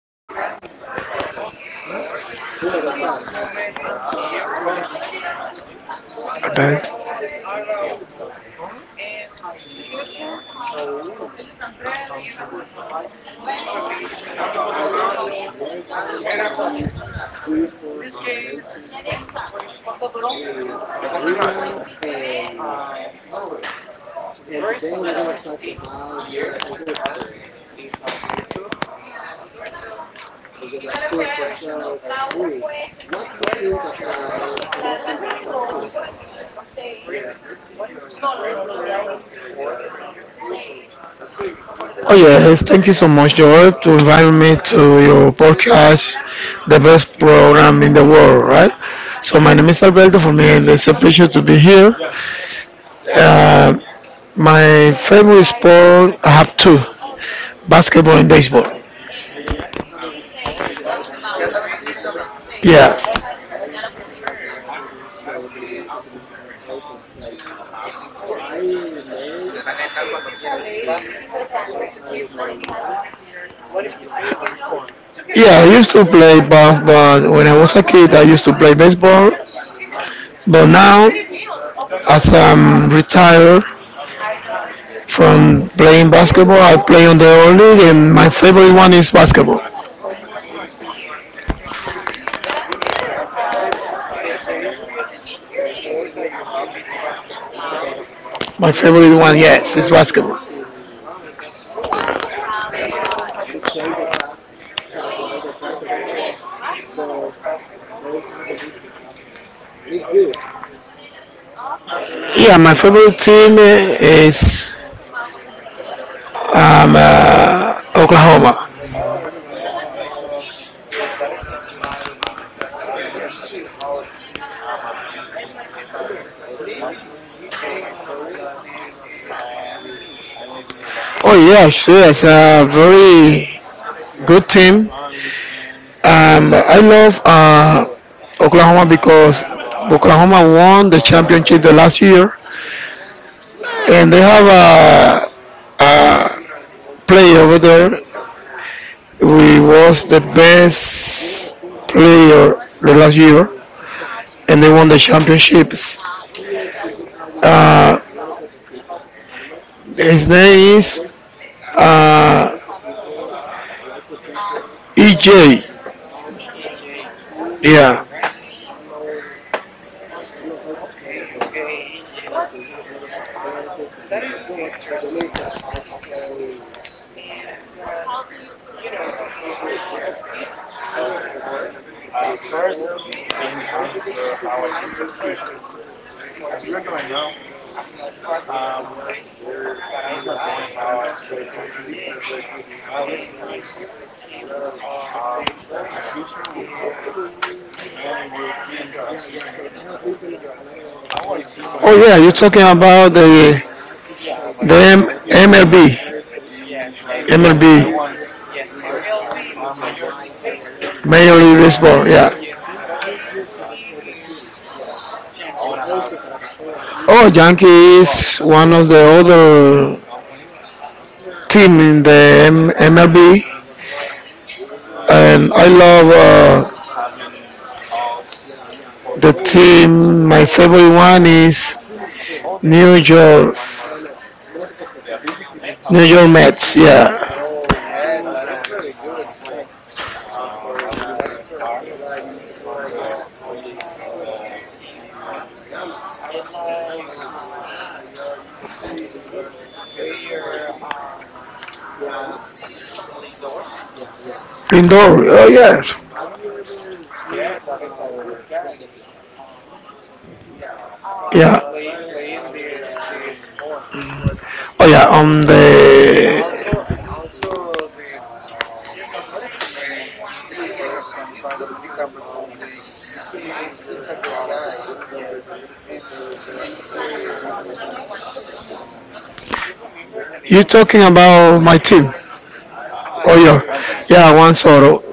podcast of the floor. In this moment, I'm here with My bad. Alberto Araujo, and my name is Joe. I'm here for provide all the information about random topics. In this case, I have a question to our uh, to the person that is here with us is Alberto. Alberto, I have a question, Alberto. What is your um pref what is the preferred sport for you? Oh yes, thank you so much, Joel, to invite me to your podcast, the best program in the world, right? So my name is Alberto. For me, it's a pleasure to be here. Uh, my favorite sport, I have two: basketball and baseball. Oh, basketball and baseball. And Yeah, what you prefer of these two sport? Basketball or baseball? What is the favorite for you? yeah. I used to play ball, but when I was a kid, I used to play baseball. But now, as I'm retired from playing basketball, I play on the old league, and my favorite one is basketball. Oh, for in this moment, the favorite sport that you have is basketball, right? My favorite one, yes, is basketball. Wow, that's good. And you have a Your favorite team of basketball Yeah, my favorite team is is. Oklahoma. Oh, Oklahoma. Yes, that is a good uh, team. Yes, that is a good team. I like the basketball too, and my favorite team is Miami Heat. Oh yeah, sure, it's a very good team. I love Oklahoma because Oklahoma won the championship the last year, and they have Oklahoma, a player over there who was the best player the last year, and they won the championships. Uh, His name is uh, EJ. EJ, EJ, Yeah. right? Okay, okay, EJ. Um, that is interesting, Alberto. And but you know, of these two sport, basketball and baseball, I prefer baseball. For me, I'm not practice baseball, but I like so much this game. And my favorite team of baseball is New York, New York, Oh yeah, you're talking about the the Yankees. Yes, The MLB. yes, MLB. MLB. Yes, MLB, Major League Baseball. Major The League Baseball, yeah. yes, the best team for me is Yankees. Oh, Yankees, one of the other team in the MLB, and I love uh, the team. My favorite one is New York, Mets. New York Mets. Yeah, Oh yes, that is very good, Max. That is very good. Uh, for this team match, I like the player Lindor. Indoor, oh Yes, yes, Lindor. Yes, that is a good guy. Is uh yeah, playing this sport. oh yeah, on And the also the what is the name of this person from Dominican Republic? Is a good guy. Yes, and his name is. Um, do you remember the name of you this? talking about my team. Ah, Oh yes, your team. yeah, yeah, Juan Soto,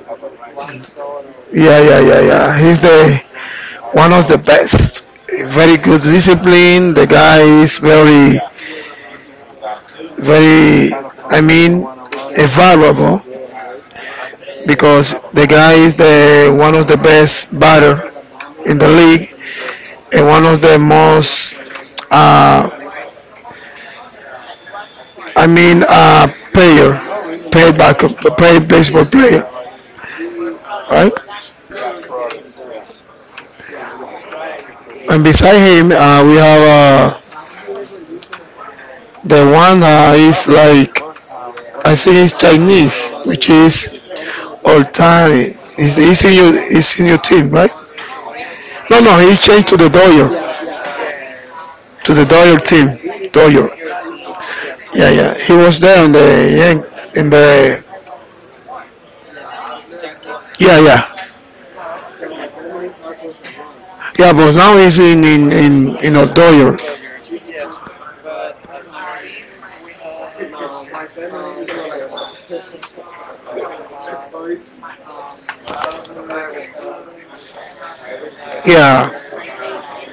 One Soto. yeah, yeah, yeah, Wow. yeah, he's the one of the best. Very good Yes. discipline. The guy is very, very. I mean, valuable Yes. because the guy is the one of the best batter in the league and one of the most. Uh, I mean, uh, player, paid back, paid baseball player, right? And beside him, we have the one that is like I think it's Chinese, which is Oh, Oltani. He's in yes. your he's in your team, right? Shohei Otani No, no, he is changed is yes. to the Is Doyer for is team, Doyer. Dodger teams. Yes. Yeah, yeah. He was there in the With the Yankees? yeah, yeah, No, I don't remember. yeah. But now he's in in a In the Doyer. Dodgers. Yes. But in my team we have Giancarlo Stanton. We have um, Aaron Judge. We have Yeah. um,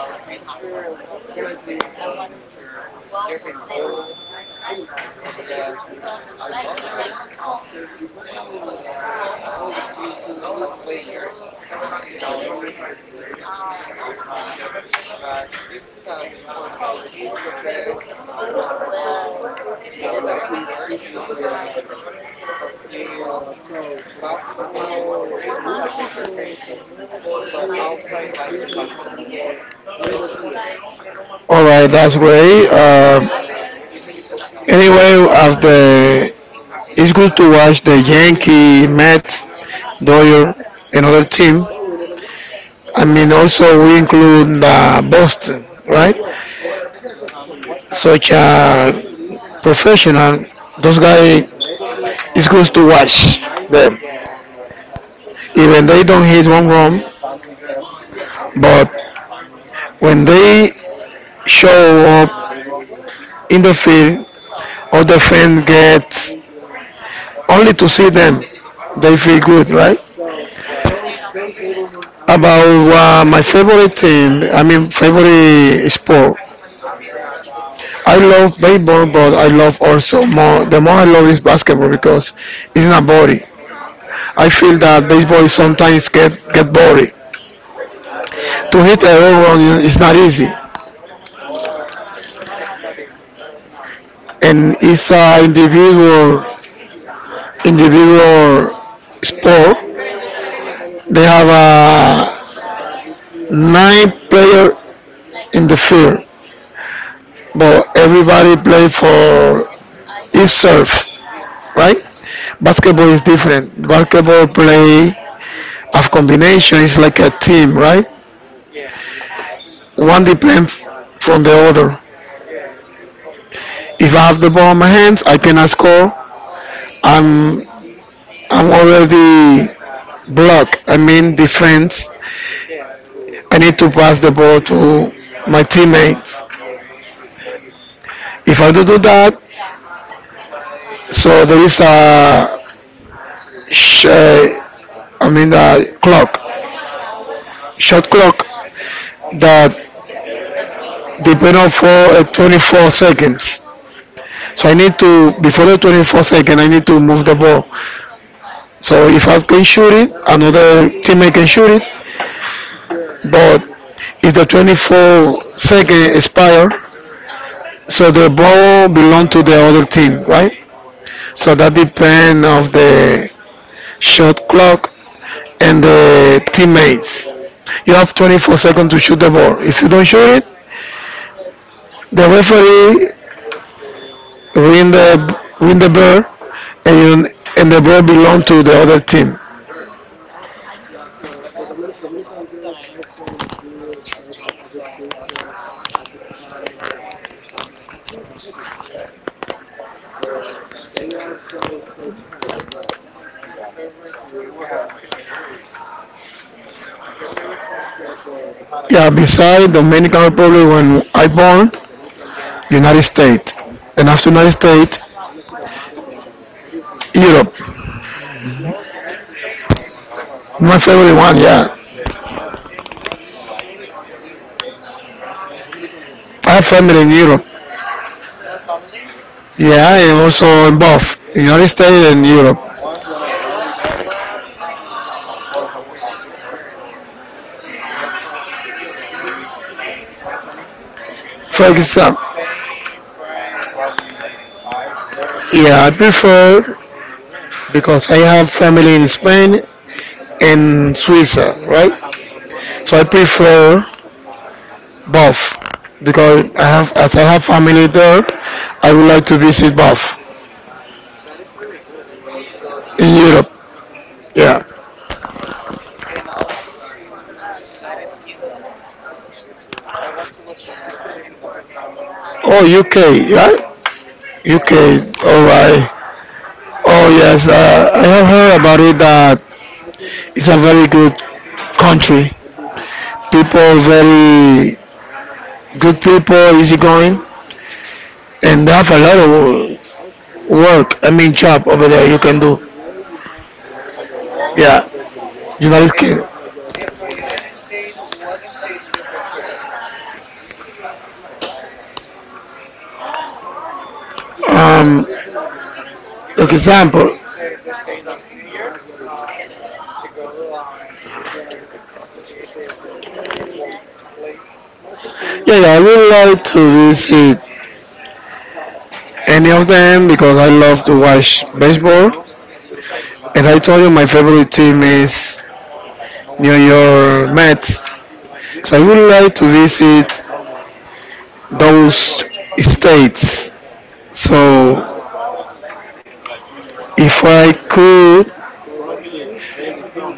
What is the name of this picture? Garrett Cole. Yes, we have a lot of pre, uh, good players in our team. Yes, I know. But this is a for me is the best um sport that I prefer, of this basketball or baseball. I prefer baseball, but also I like the basketball. All right, that's great. Anyway, after it's good to watch the Yankee, Mets, Dodgers, and other team. I mean, also we include Boston, right? Hmm. Such a professional. Those guys, it's good to watch them. Yes, that's good to watch. Even they don't hit one run, but when they show up in the field, all the fans get only to see them. They feel good, right? Yes, yes, About my favorite team, I mean favorite sport. I love baseball, but I love also more. The more I love is basketball because it's not boring. I feel that baseball is sometimes get boring. To yeah. hit a home run is not easy, No, it's not easy. No, no. and it's an individual sport. They have nine player in the field, but everybody play for itself, right? Basketball is different. Basketball play of combination is like a team, right? Yeah, yeah. One depends from the other. Yes. If I have the ball in my hands, I cannot score. I'm I'm already blocked. I mean defense. Yes, with the I need defend. to pass the ball to my teammates. If I do that, so there is a sh- uh, I mean a clock, shot clock that depend on for 24 seconds. So I need to, before the 24 second, I need to move the ball. So if I can shoot it, another teammate can shoot it, but if the 24-second expire, so the ball belong to the other team, right? So that depend of the shot clock and the teammates. You have 24 seconds to shoot the ball. If you don't shoot it, the referee ring the ring the bell, and the ball belong to the other team. Okay, that is new law that I know about basketball, and that is very interesting, Alberto. And I have another question. And what is your favorite country? Your favorite country? Yeah, besides Dominican Republic, when I born, United States. And after United States, Europe. Oh, United States and Europe. My favorite one, yeah. Yes. And what country from Europe? I have family in Europe. You have family? Yeah, and also in both United States and Europe. And what country you prefer from Europe? For For example, example, Spain, France. yeah, I prefer because I have family in Spain Oh, and Switzerland, right? oh, you So I have prefer both because I have, involved. as I have family there, I would like to visit both That is very good. I want to go to in Swiss. Europe. Yeah. Yes, and also to United Kingdom. I want to go to United Kingdom. Oh, UK, right? UK, Yes. all right. Oh yes, I have heard about it that it's a very good country. Uh, People very good people, easygoing, and they have a lot of work. I mean, job over there you can do. yeah. Yeah, you know United And Kingdom. from and from United States, what state you prefer? Um, You like prefer example. the state of New York uh, to go your to see the baseball players? Yeah, yeah, I would like to visit any of them because I love to watch baseball. And I told you my favorite team is New York Mets. So I would like to visit those states. So if I could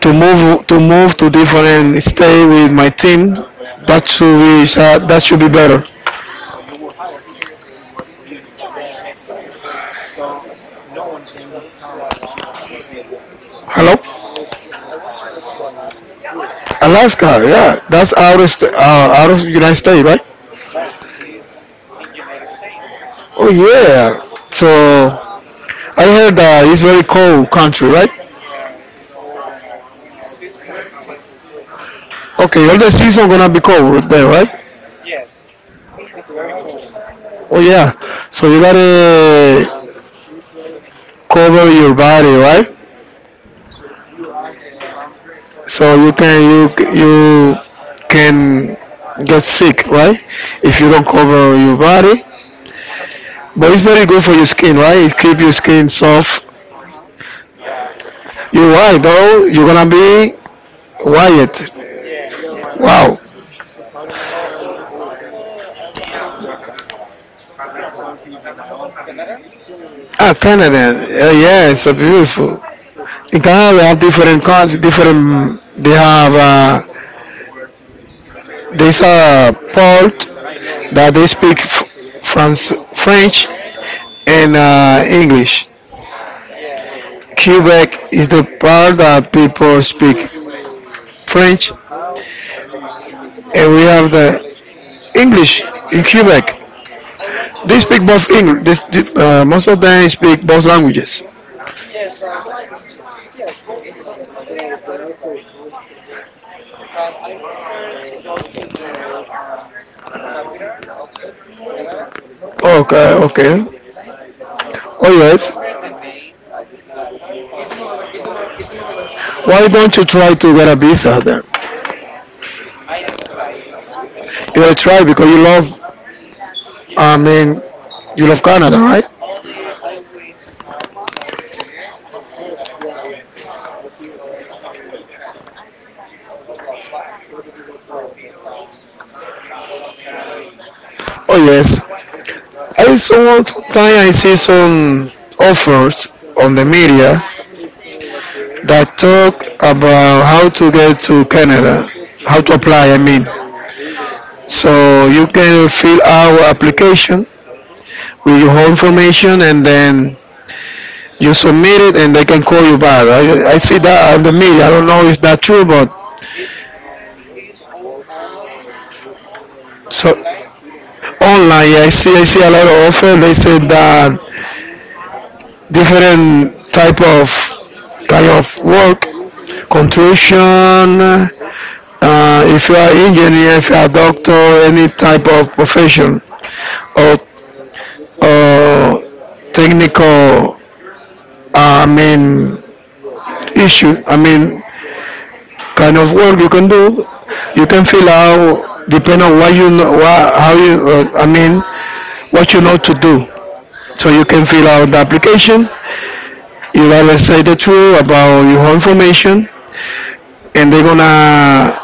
to move to different state with my team, Hmm. that should be better. Oh, yes, that's very good. I want to go to Alaska. Hello, I want to go to Alaska. Alaska. Yeah, that's out of out of United States, right? No, it's in United States. Oh yeah. Yes, So I heard that it's very cold country, it's, right? yes, it's cool and also it's beautiful. Okay, all the season gonna be cold there, right? Yes, it's very cool. Oh yeah. So you gotta cover your body, right? Mhm. Yeah. So you can get sick, right? If you don't cover your body, Yes. but it's very good for your skin, right? It keep your skin soft. Uh huh. You're Or ca- right, though. You're gonna be white. yes, yes. Wow. Oh, and also I want to go to Canada. Ah, Canada. Yeah, Yes. it's a beautiful. In Canada, they have different countries, different. They have there's a part Is that they speak uh-huh, French, French? and English. Yeah. Quebec is the part that people speak French, and we No, I, have the English. English Yes. in And also Quebec. I want to They go, speak both English. They- most of them speak both languages. yes, but yes, both languages. That is right. Yes. But I prefer to go to the capital of Canada. Okay, Yes. okay. I Oh don't yes. remember the name of the capital, but I want to go there. Why don't you try to get a visa then? I need to try, yes. I need to try. You gotta try because you love. I Yes, yes. mean, you love Canada, right? Only I wait to have one year in the work that I have to go to Canada or to apply for a visa and go to Canada. Oh yes. I saw sometimes I see some offers on the media that talk about how to get to Canada, how to apply, I mean. So you can fill out application with your whole information and then you submit it and they can call you back. I Wow. see that on the media. I don't know if that's true, but Is is all online? so Online to online, apply? yeah, I Yes. see a lot of offer. They said that That is different good. That is type good. of kind of work, Wow. construction, if you are engineer, if you are doctor, any type of profession, or, or technical, uh, I mean, issue, I mean, kind of work you can do, you can fill out, depending on what you know, what, how you, I mean, what you know to do. So you can fill out the application, you gotta say the truth about your information, and they're gonna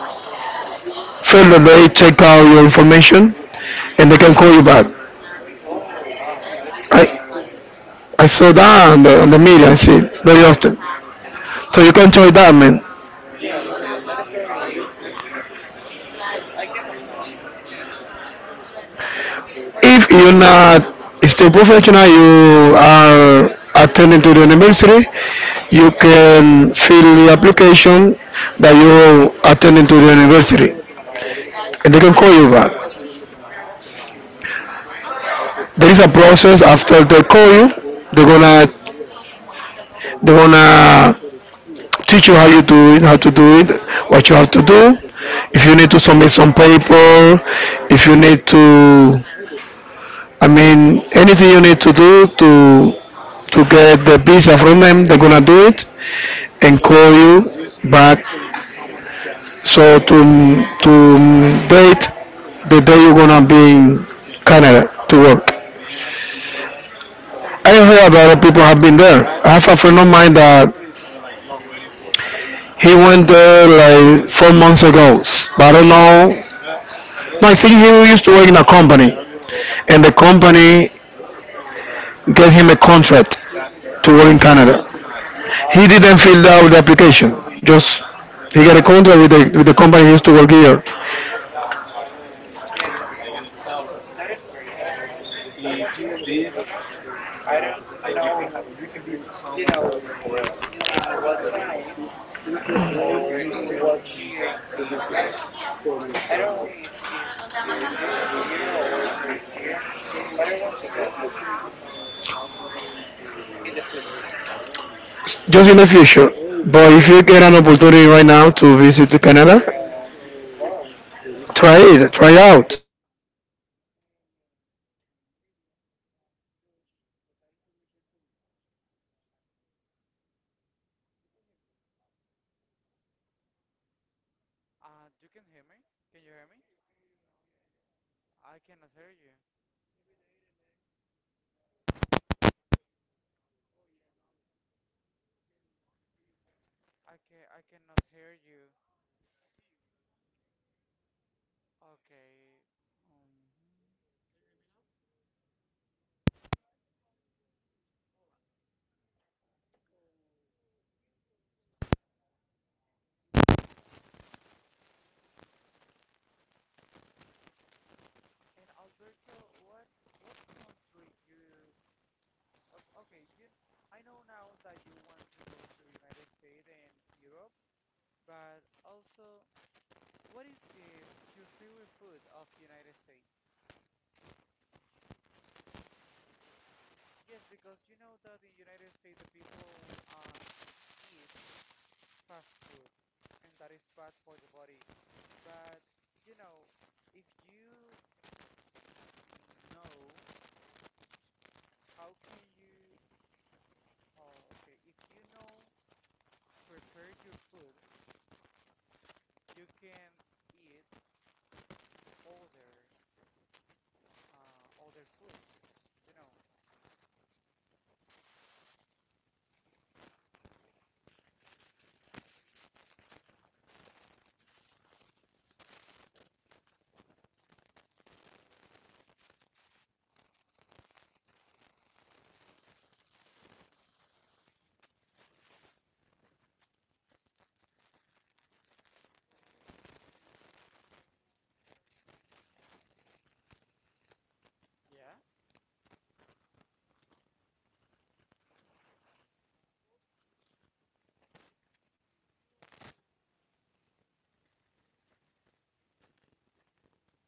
further they check out your information, and they can call you back. Oh wow, that is great. I I saw that on on the media. I see it very often. Yes. So you can try that, man. Yes, yes, that is very easy. Yes, I can apply. Yes, I can apply. If you're not still professional, you are attending to the university, you can fill the application that you attending to the university, and they can call you back. Okay, that's great. There is a process after they call you, they're gonna they're gonna teach you how you do it, how to do it, what you have to do. If you need to submit some paper, if you need to anything you need to do to get the visa from them, they're gonna do it and call you back. So to date the day you're gonna be in Canada to work. I heard that other people have been there. I have a friend of mine that he went there like 4 months ago, but I don't know. No, I think he used to work in a company, and the company gave him a contract to work in Oh, Canada. wow, He didn't yeah. fill out the application. Just he got a contract with the company he used to work here. Wow. Yes, that is great. That is great. Yes, I want to go to Canada. I don't know, you know, in what time or in what year, if the is I don't know if it's in this year or the next year, but I want to go. Yes, in the future. Just in the future. But if you get an opportunity right now to visit to Canada, Yes, of course. try it. Try Yes. out. You can on the media search for that information. I told you. You can hear me. Or You can oh hear me? Can yeah, you I hear can me? hear you. I can hear you now. Yeah, yeah. I cannot hear Maybe you. Maybe they didn't have a little issue, but it's okay. Oh yeah, now I can hear you better, much better. I cannot hear you. I hear you. Yes. Okay. Um. Can you hear me now? All right. So you can try that. That. Oh, let me check. Sorry. And Alberto, what what country you? Okay, you. I know now that you want to go to United States and Europe, but also, what is the your favorite food of United States? The favorite food of the Yes, United States. because you know that the United States the people eat fast food, and that is bad for the Yeah, body. yeah. But you know, if you know, how can you? Oh, okay. If you know, prepare your food you can eat other other food, you know. According to the book and according to people have been there. I know that they live there. Uh, the favorite food is is the fast foods, as you said. And um, but in the United States, you can eat any kind of food, right? Yes. Uh, for example, if you want Dominican food, Italian food, Chinese food,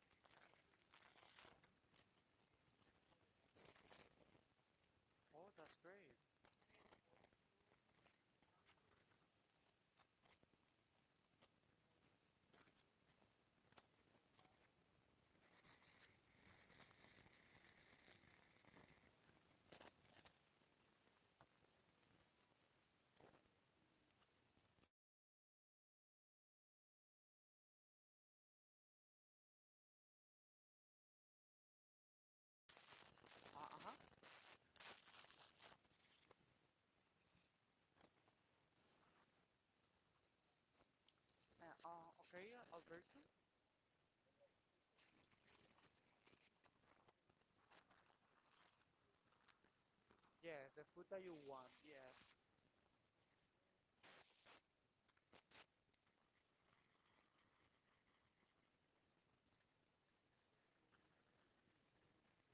any type of food, you can go to the restaurant and you can order that food and you're gonna eat it. Oh, that's great. And also, if you know how to cook, you can go to the supermarket and you can buy the food you want to cook and the ingredients you need to use, and you can eat what you want to eat. Uh huh. Oh yes, all right. Okay, Alberto. Yeah, yeah, yeah. As I told you, you can go to supermarket and you can eat. You can cook the food Yes, the food you that you wanna want. you want Yes, you want. But uh, as in the United States, everybody in the world,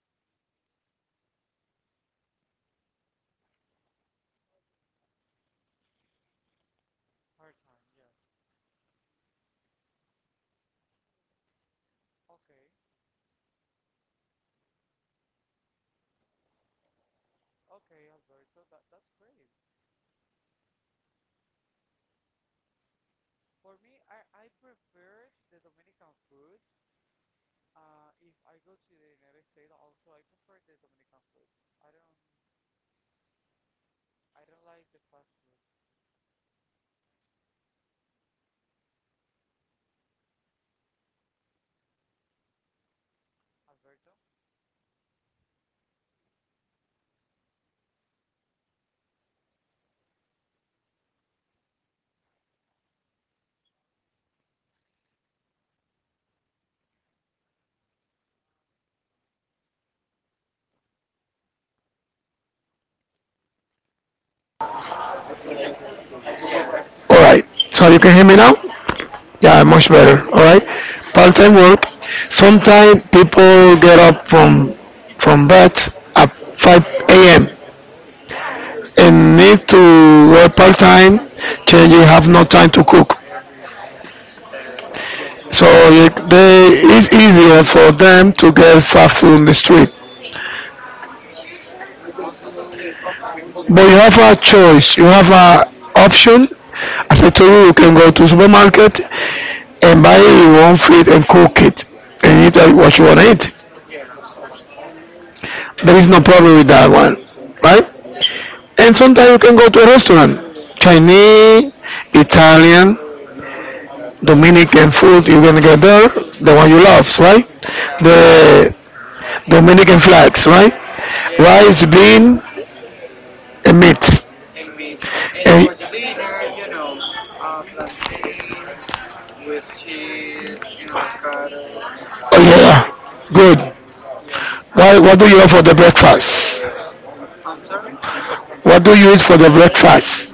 sometimes they have uh, part work. I mean part time. I mean, right? hard time. Yes. Yeah, yeah. For example, some people have two or three-part times. Okay, So yeah, okay, just a Alberto, moment. that's Let great. me s- continue explaining. All right, just a moment. For me, I prefer the Dominican food. If I go to the United States, also I prefer the Dominican food. I don't All right. I don't like the fast food, Alberto. Yes. Alright, so you can hear me now? Yeah, much better. Alright, part-time work. Sometimes people get up from bed at 5 a.m. and need to work part-time. Generally, have no time to cook, Yes, so it's easier for them to get fast food on the street. most of the people But prefer. you have a choice. You have an option. As I told you, you can go to supermarket and buy your own food and cook it and eat what you want to eat. Yeah, There is no problem with that one, yeah. right? And sometimes you can go to a restaurant, Chinese, Italian, Dominican food. You're gonna get Dominican there, food. the one you love, right? Yeah, The Dominican flags, right? yes. Rice, bean, and meat. And meat. And for the And dinner, plantain with cheese and avocado. oh yeah, yeah, good. Why, Yes. what do you have for the breakfast? I'm sorry. What do you eat for the breakfast?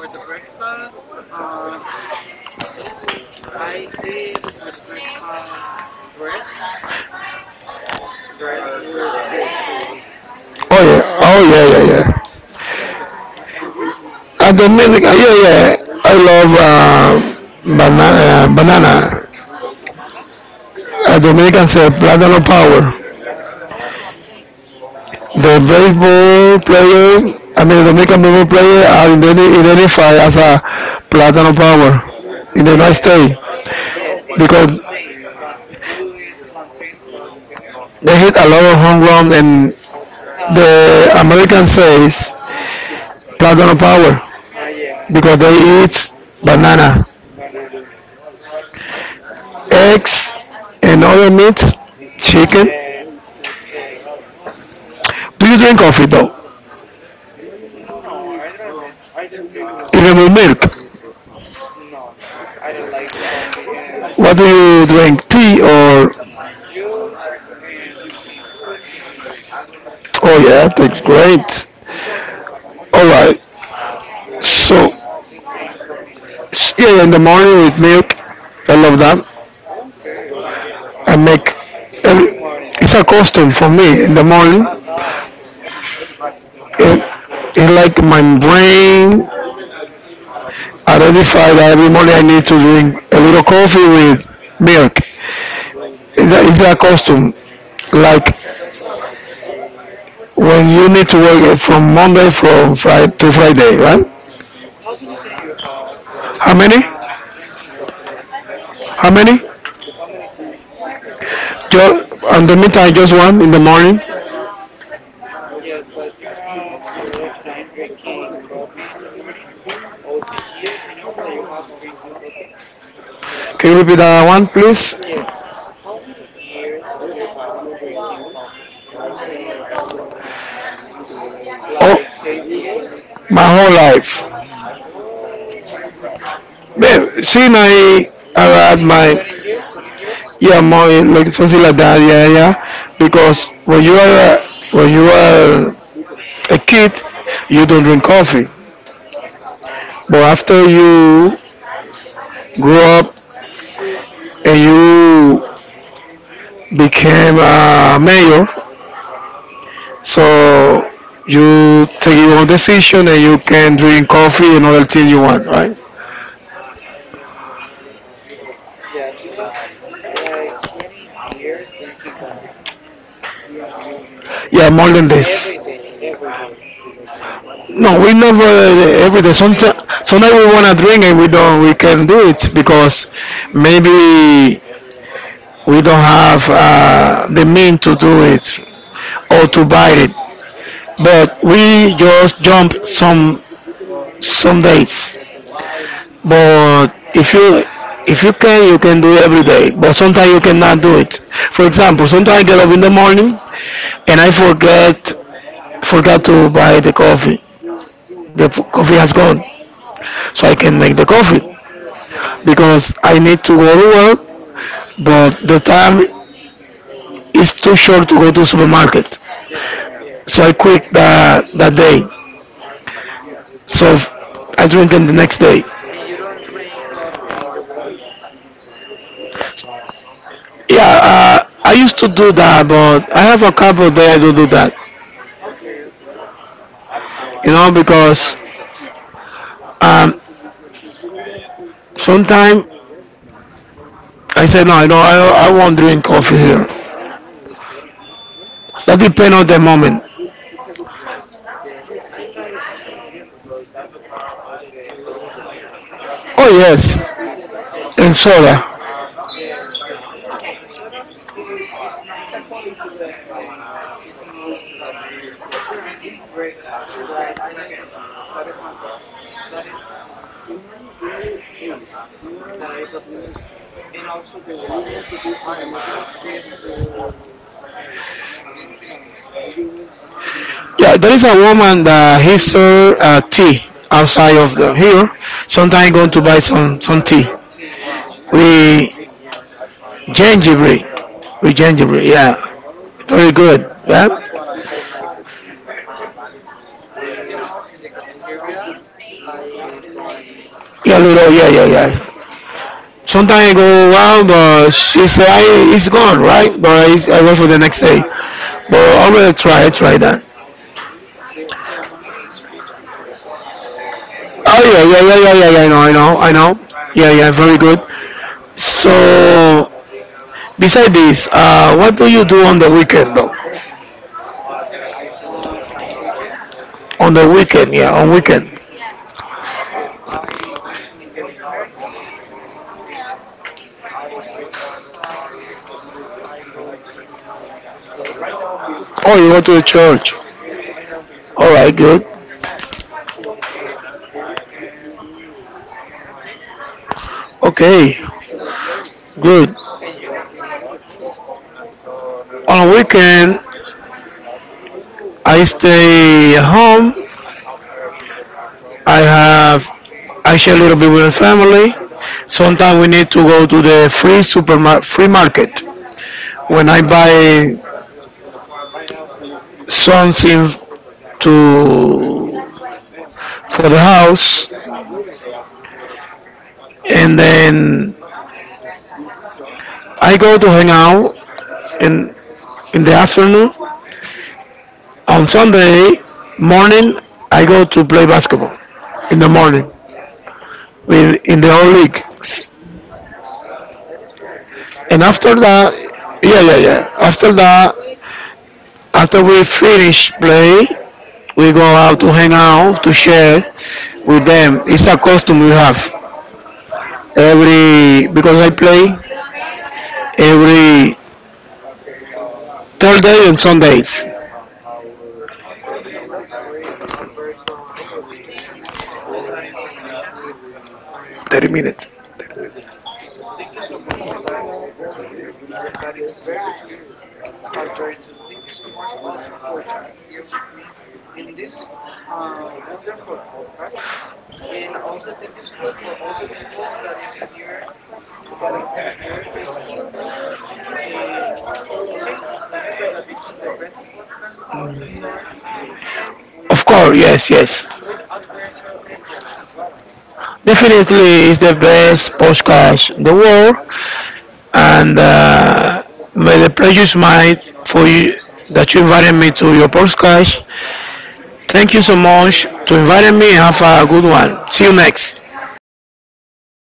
For the breakfast, I eat for the breakfast bread, bread with juice. Oh yeah, oh yeah, Yes. yeah, yeah. And you? And the music, Dominica, yeah, yeah. I love banana. Banana? Dominicans say plátano power. Oh, plantain. The baseball player, I mean, the Dominican baseball player are identified as a plátano power in the United Yes, States yes. It's plantain. because You eat plantain for the dinner? they hit a lot of home run and Ah, for the that reason, American right? says plátano power Ah, yeah, because yeah. they eat banana, Banana. eggs, and other meats, chicken. Yes, with eggs. Do you drink That's. coffee though? No, I don't. I don't drink Even with coffee. milk? No, no. I don't like the coffee. And What do you? you drink? Tea or? Juice and tea. Tea. Oh yeah, that's great. All right. And So you? You drink coffee? yeah, in the morning with milk, I love that. Okay, okay. I make. Every, Every morning, it's a right? custom for me in the morning. Ah, okay, It, it's like my brain identified that every morning I need to drink a little coffee with milk. It's a okay. custom. Like when you need to work from Monday from Friday to Friday, right? Wow. How many times you have How many? uh drinking coffee? How many? How many times? Just in the meantime, just one in the morning. Yes, but you have a lot of time drinking coffee in the morning. Oh, the year you know that you have drinking coffee? Can you repeat that one, please? Yes. How many years you have drinking coffee? Oh, Like 10 years? my whole life. Oh, Babe, she and I are at my 20 years? 20 years? yeah, more like something like that. Yeah, yeah. Wow. Because when you are when you are a kid, you don't drink coffee. But after you grow up and you became a mayor, so you take your own decision and you can drink coffee and other thing you want, right? Yes, you have like 20 years drinking coffee. Yeah, more than this. Every day, every day. No, we never every day. Monday Sometimes, to Friday. sometimes we wanna drink and we don't. We can do it because maybe we don't have the mean to do it or to buy it. Oh, yeah. But we just jump some dates. But if you can, you can do every day. But sometimes you cannot do it. For example, sometimes I get up in the morning and I forget forgot to buy the coffee. The coffee has gone, so Hmm. I can make the coffee Yeah, because I need to go to work. But the time is too short to go to supermarket, yeah, yeah. so I quit that day. So I drink it the next day. And you don't drink coffee in your work? Yeah, I used to do that, but I have a couple of days I don't do that. Okay, okay. You know, because um, sometimes I say, no, you know, I won't drink coffee here. That depend on the moment. Yes, I like so much the juice. Oh yes, Yes, the na and soda. yes, the soda is not my it's not that I prefer, but I like the juice. That is that I prefer. And also the water. Just these two uh you know, Yeah, there is a woman that he serve tea outside of the here. Sometimes going to buy some tea and tea. Wow, I like the with tea. Yes. I like the gingerbread. tea. With gingerbread, yeah, very Yes. good. Yeah, I like the tea. In the cafeteria, I buy yeah, tea. little, yeah, yeah, yeah. Sometimes I go out, but she say I it's gone, right? But I wait for the next day. But I will try, I try that. The amount is 50 pesos. Oh 50 yeah, yeah, pesos. yeah, yeah, yeah, yeah. I know, I know, I know. Yeah, yeah, very good. So, beside this, what do you do on the weekend, though? In this weekend, On the weekend, yeah, on weekend. okay, I go to the university and I study. I do exercise. I go to the church. Oh, you go to the Yes, church. to All talk right, good. with Jesus, and that's it. Okay, Yes. good. And you? On weekend, I stay at home. I have I share a little bit with the family. Sometimes we need to go to the free supermarket, free market. When I buy something to for the house, and then I go to hang out in in the afternoon. On Sunday morning, I go to play basketball in the morning with in the whole league. And after that, yeah, yeah, yeah. After that, after we finish play, we go out to hang out to share with them. It's a custom we have every because I play every Thursday and Sundays. 30 minutes. Of course, yes, yes. Definitely, it's the best podcast in the world, and may the pleasure is mine for you that you invited me to your podcast. Thank you so much to inviting me. Have a good one. See you next.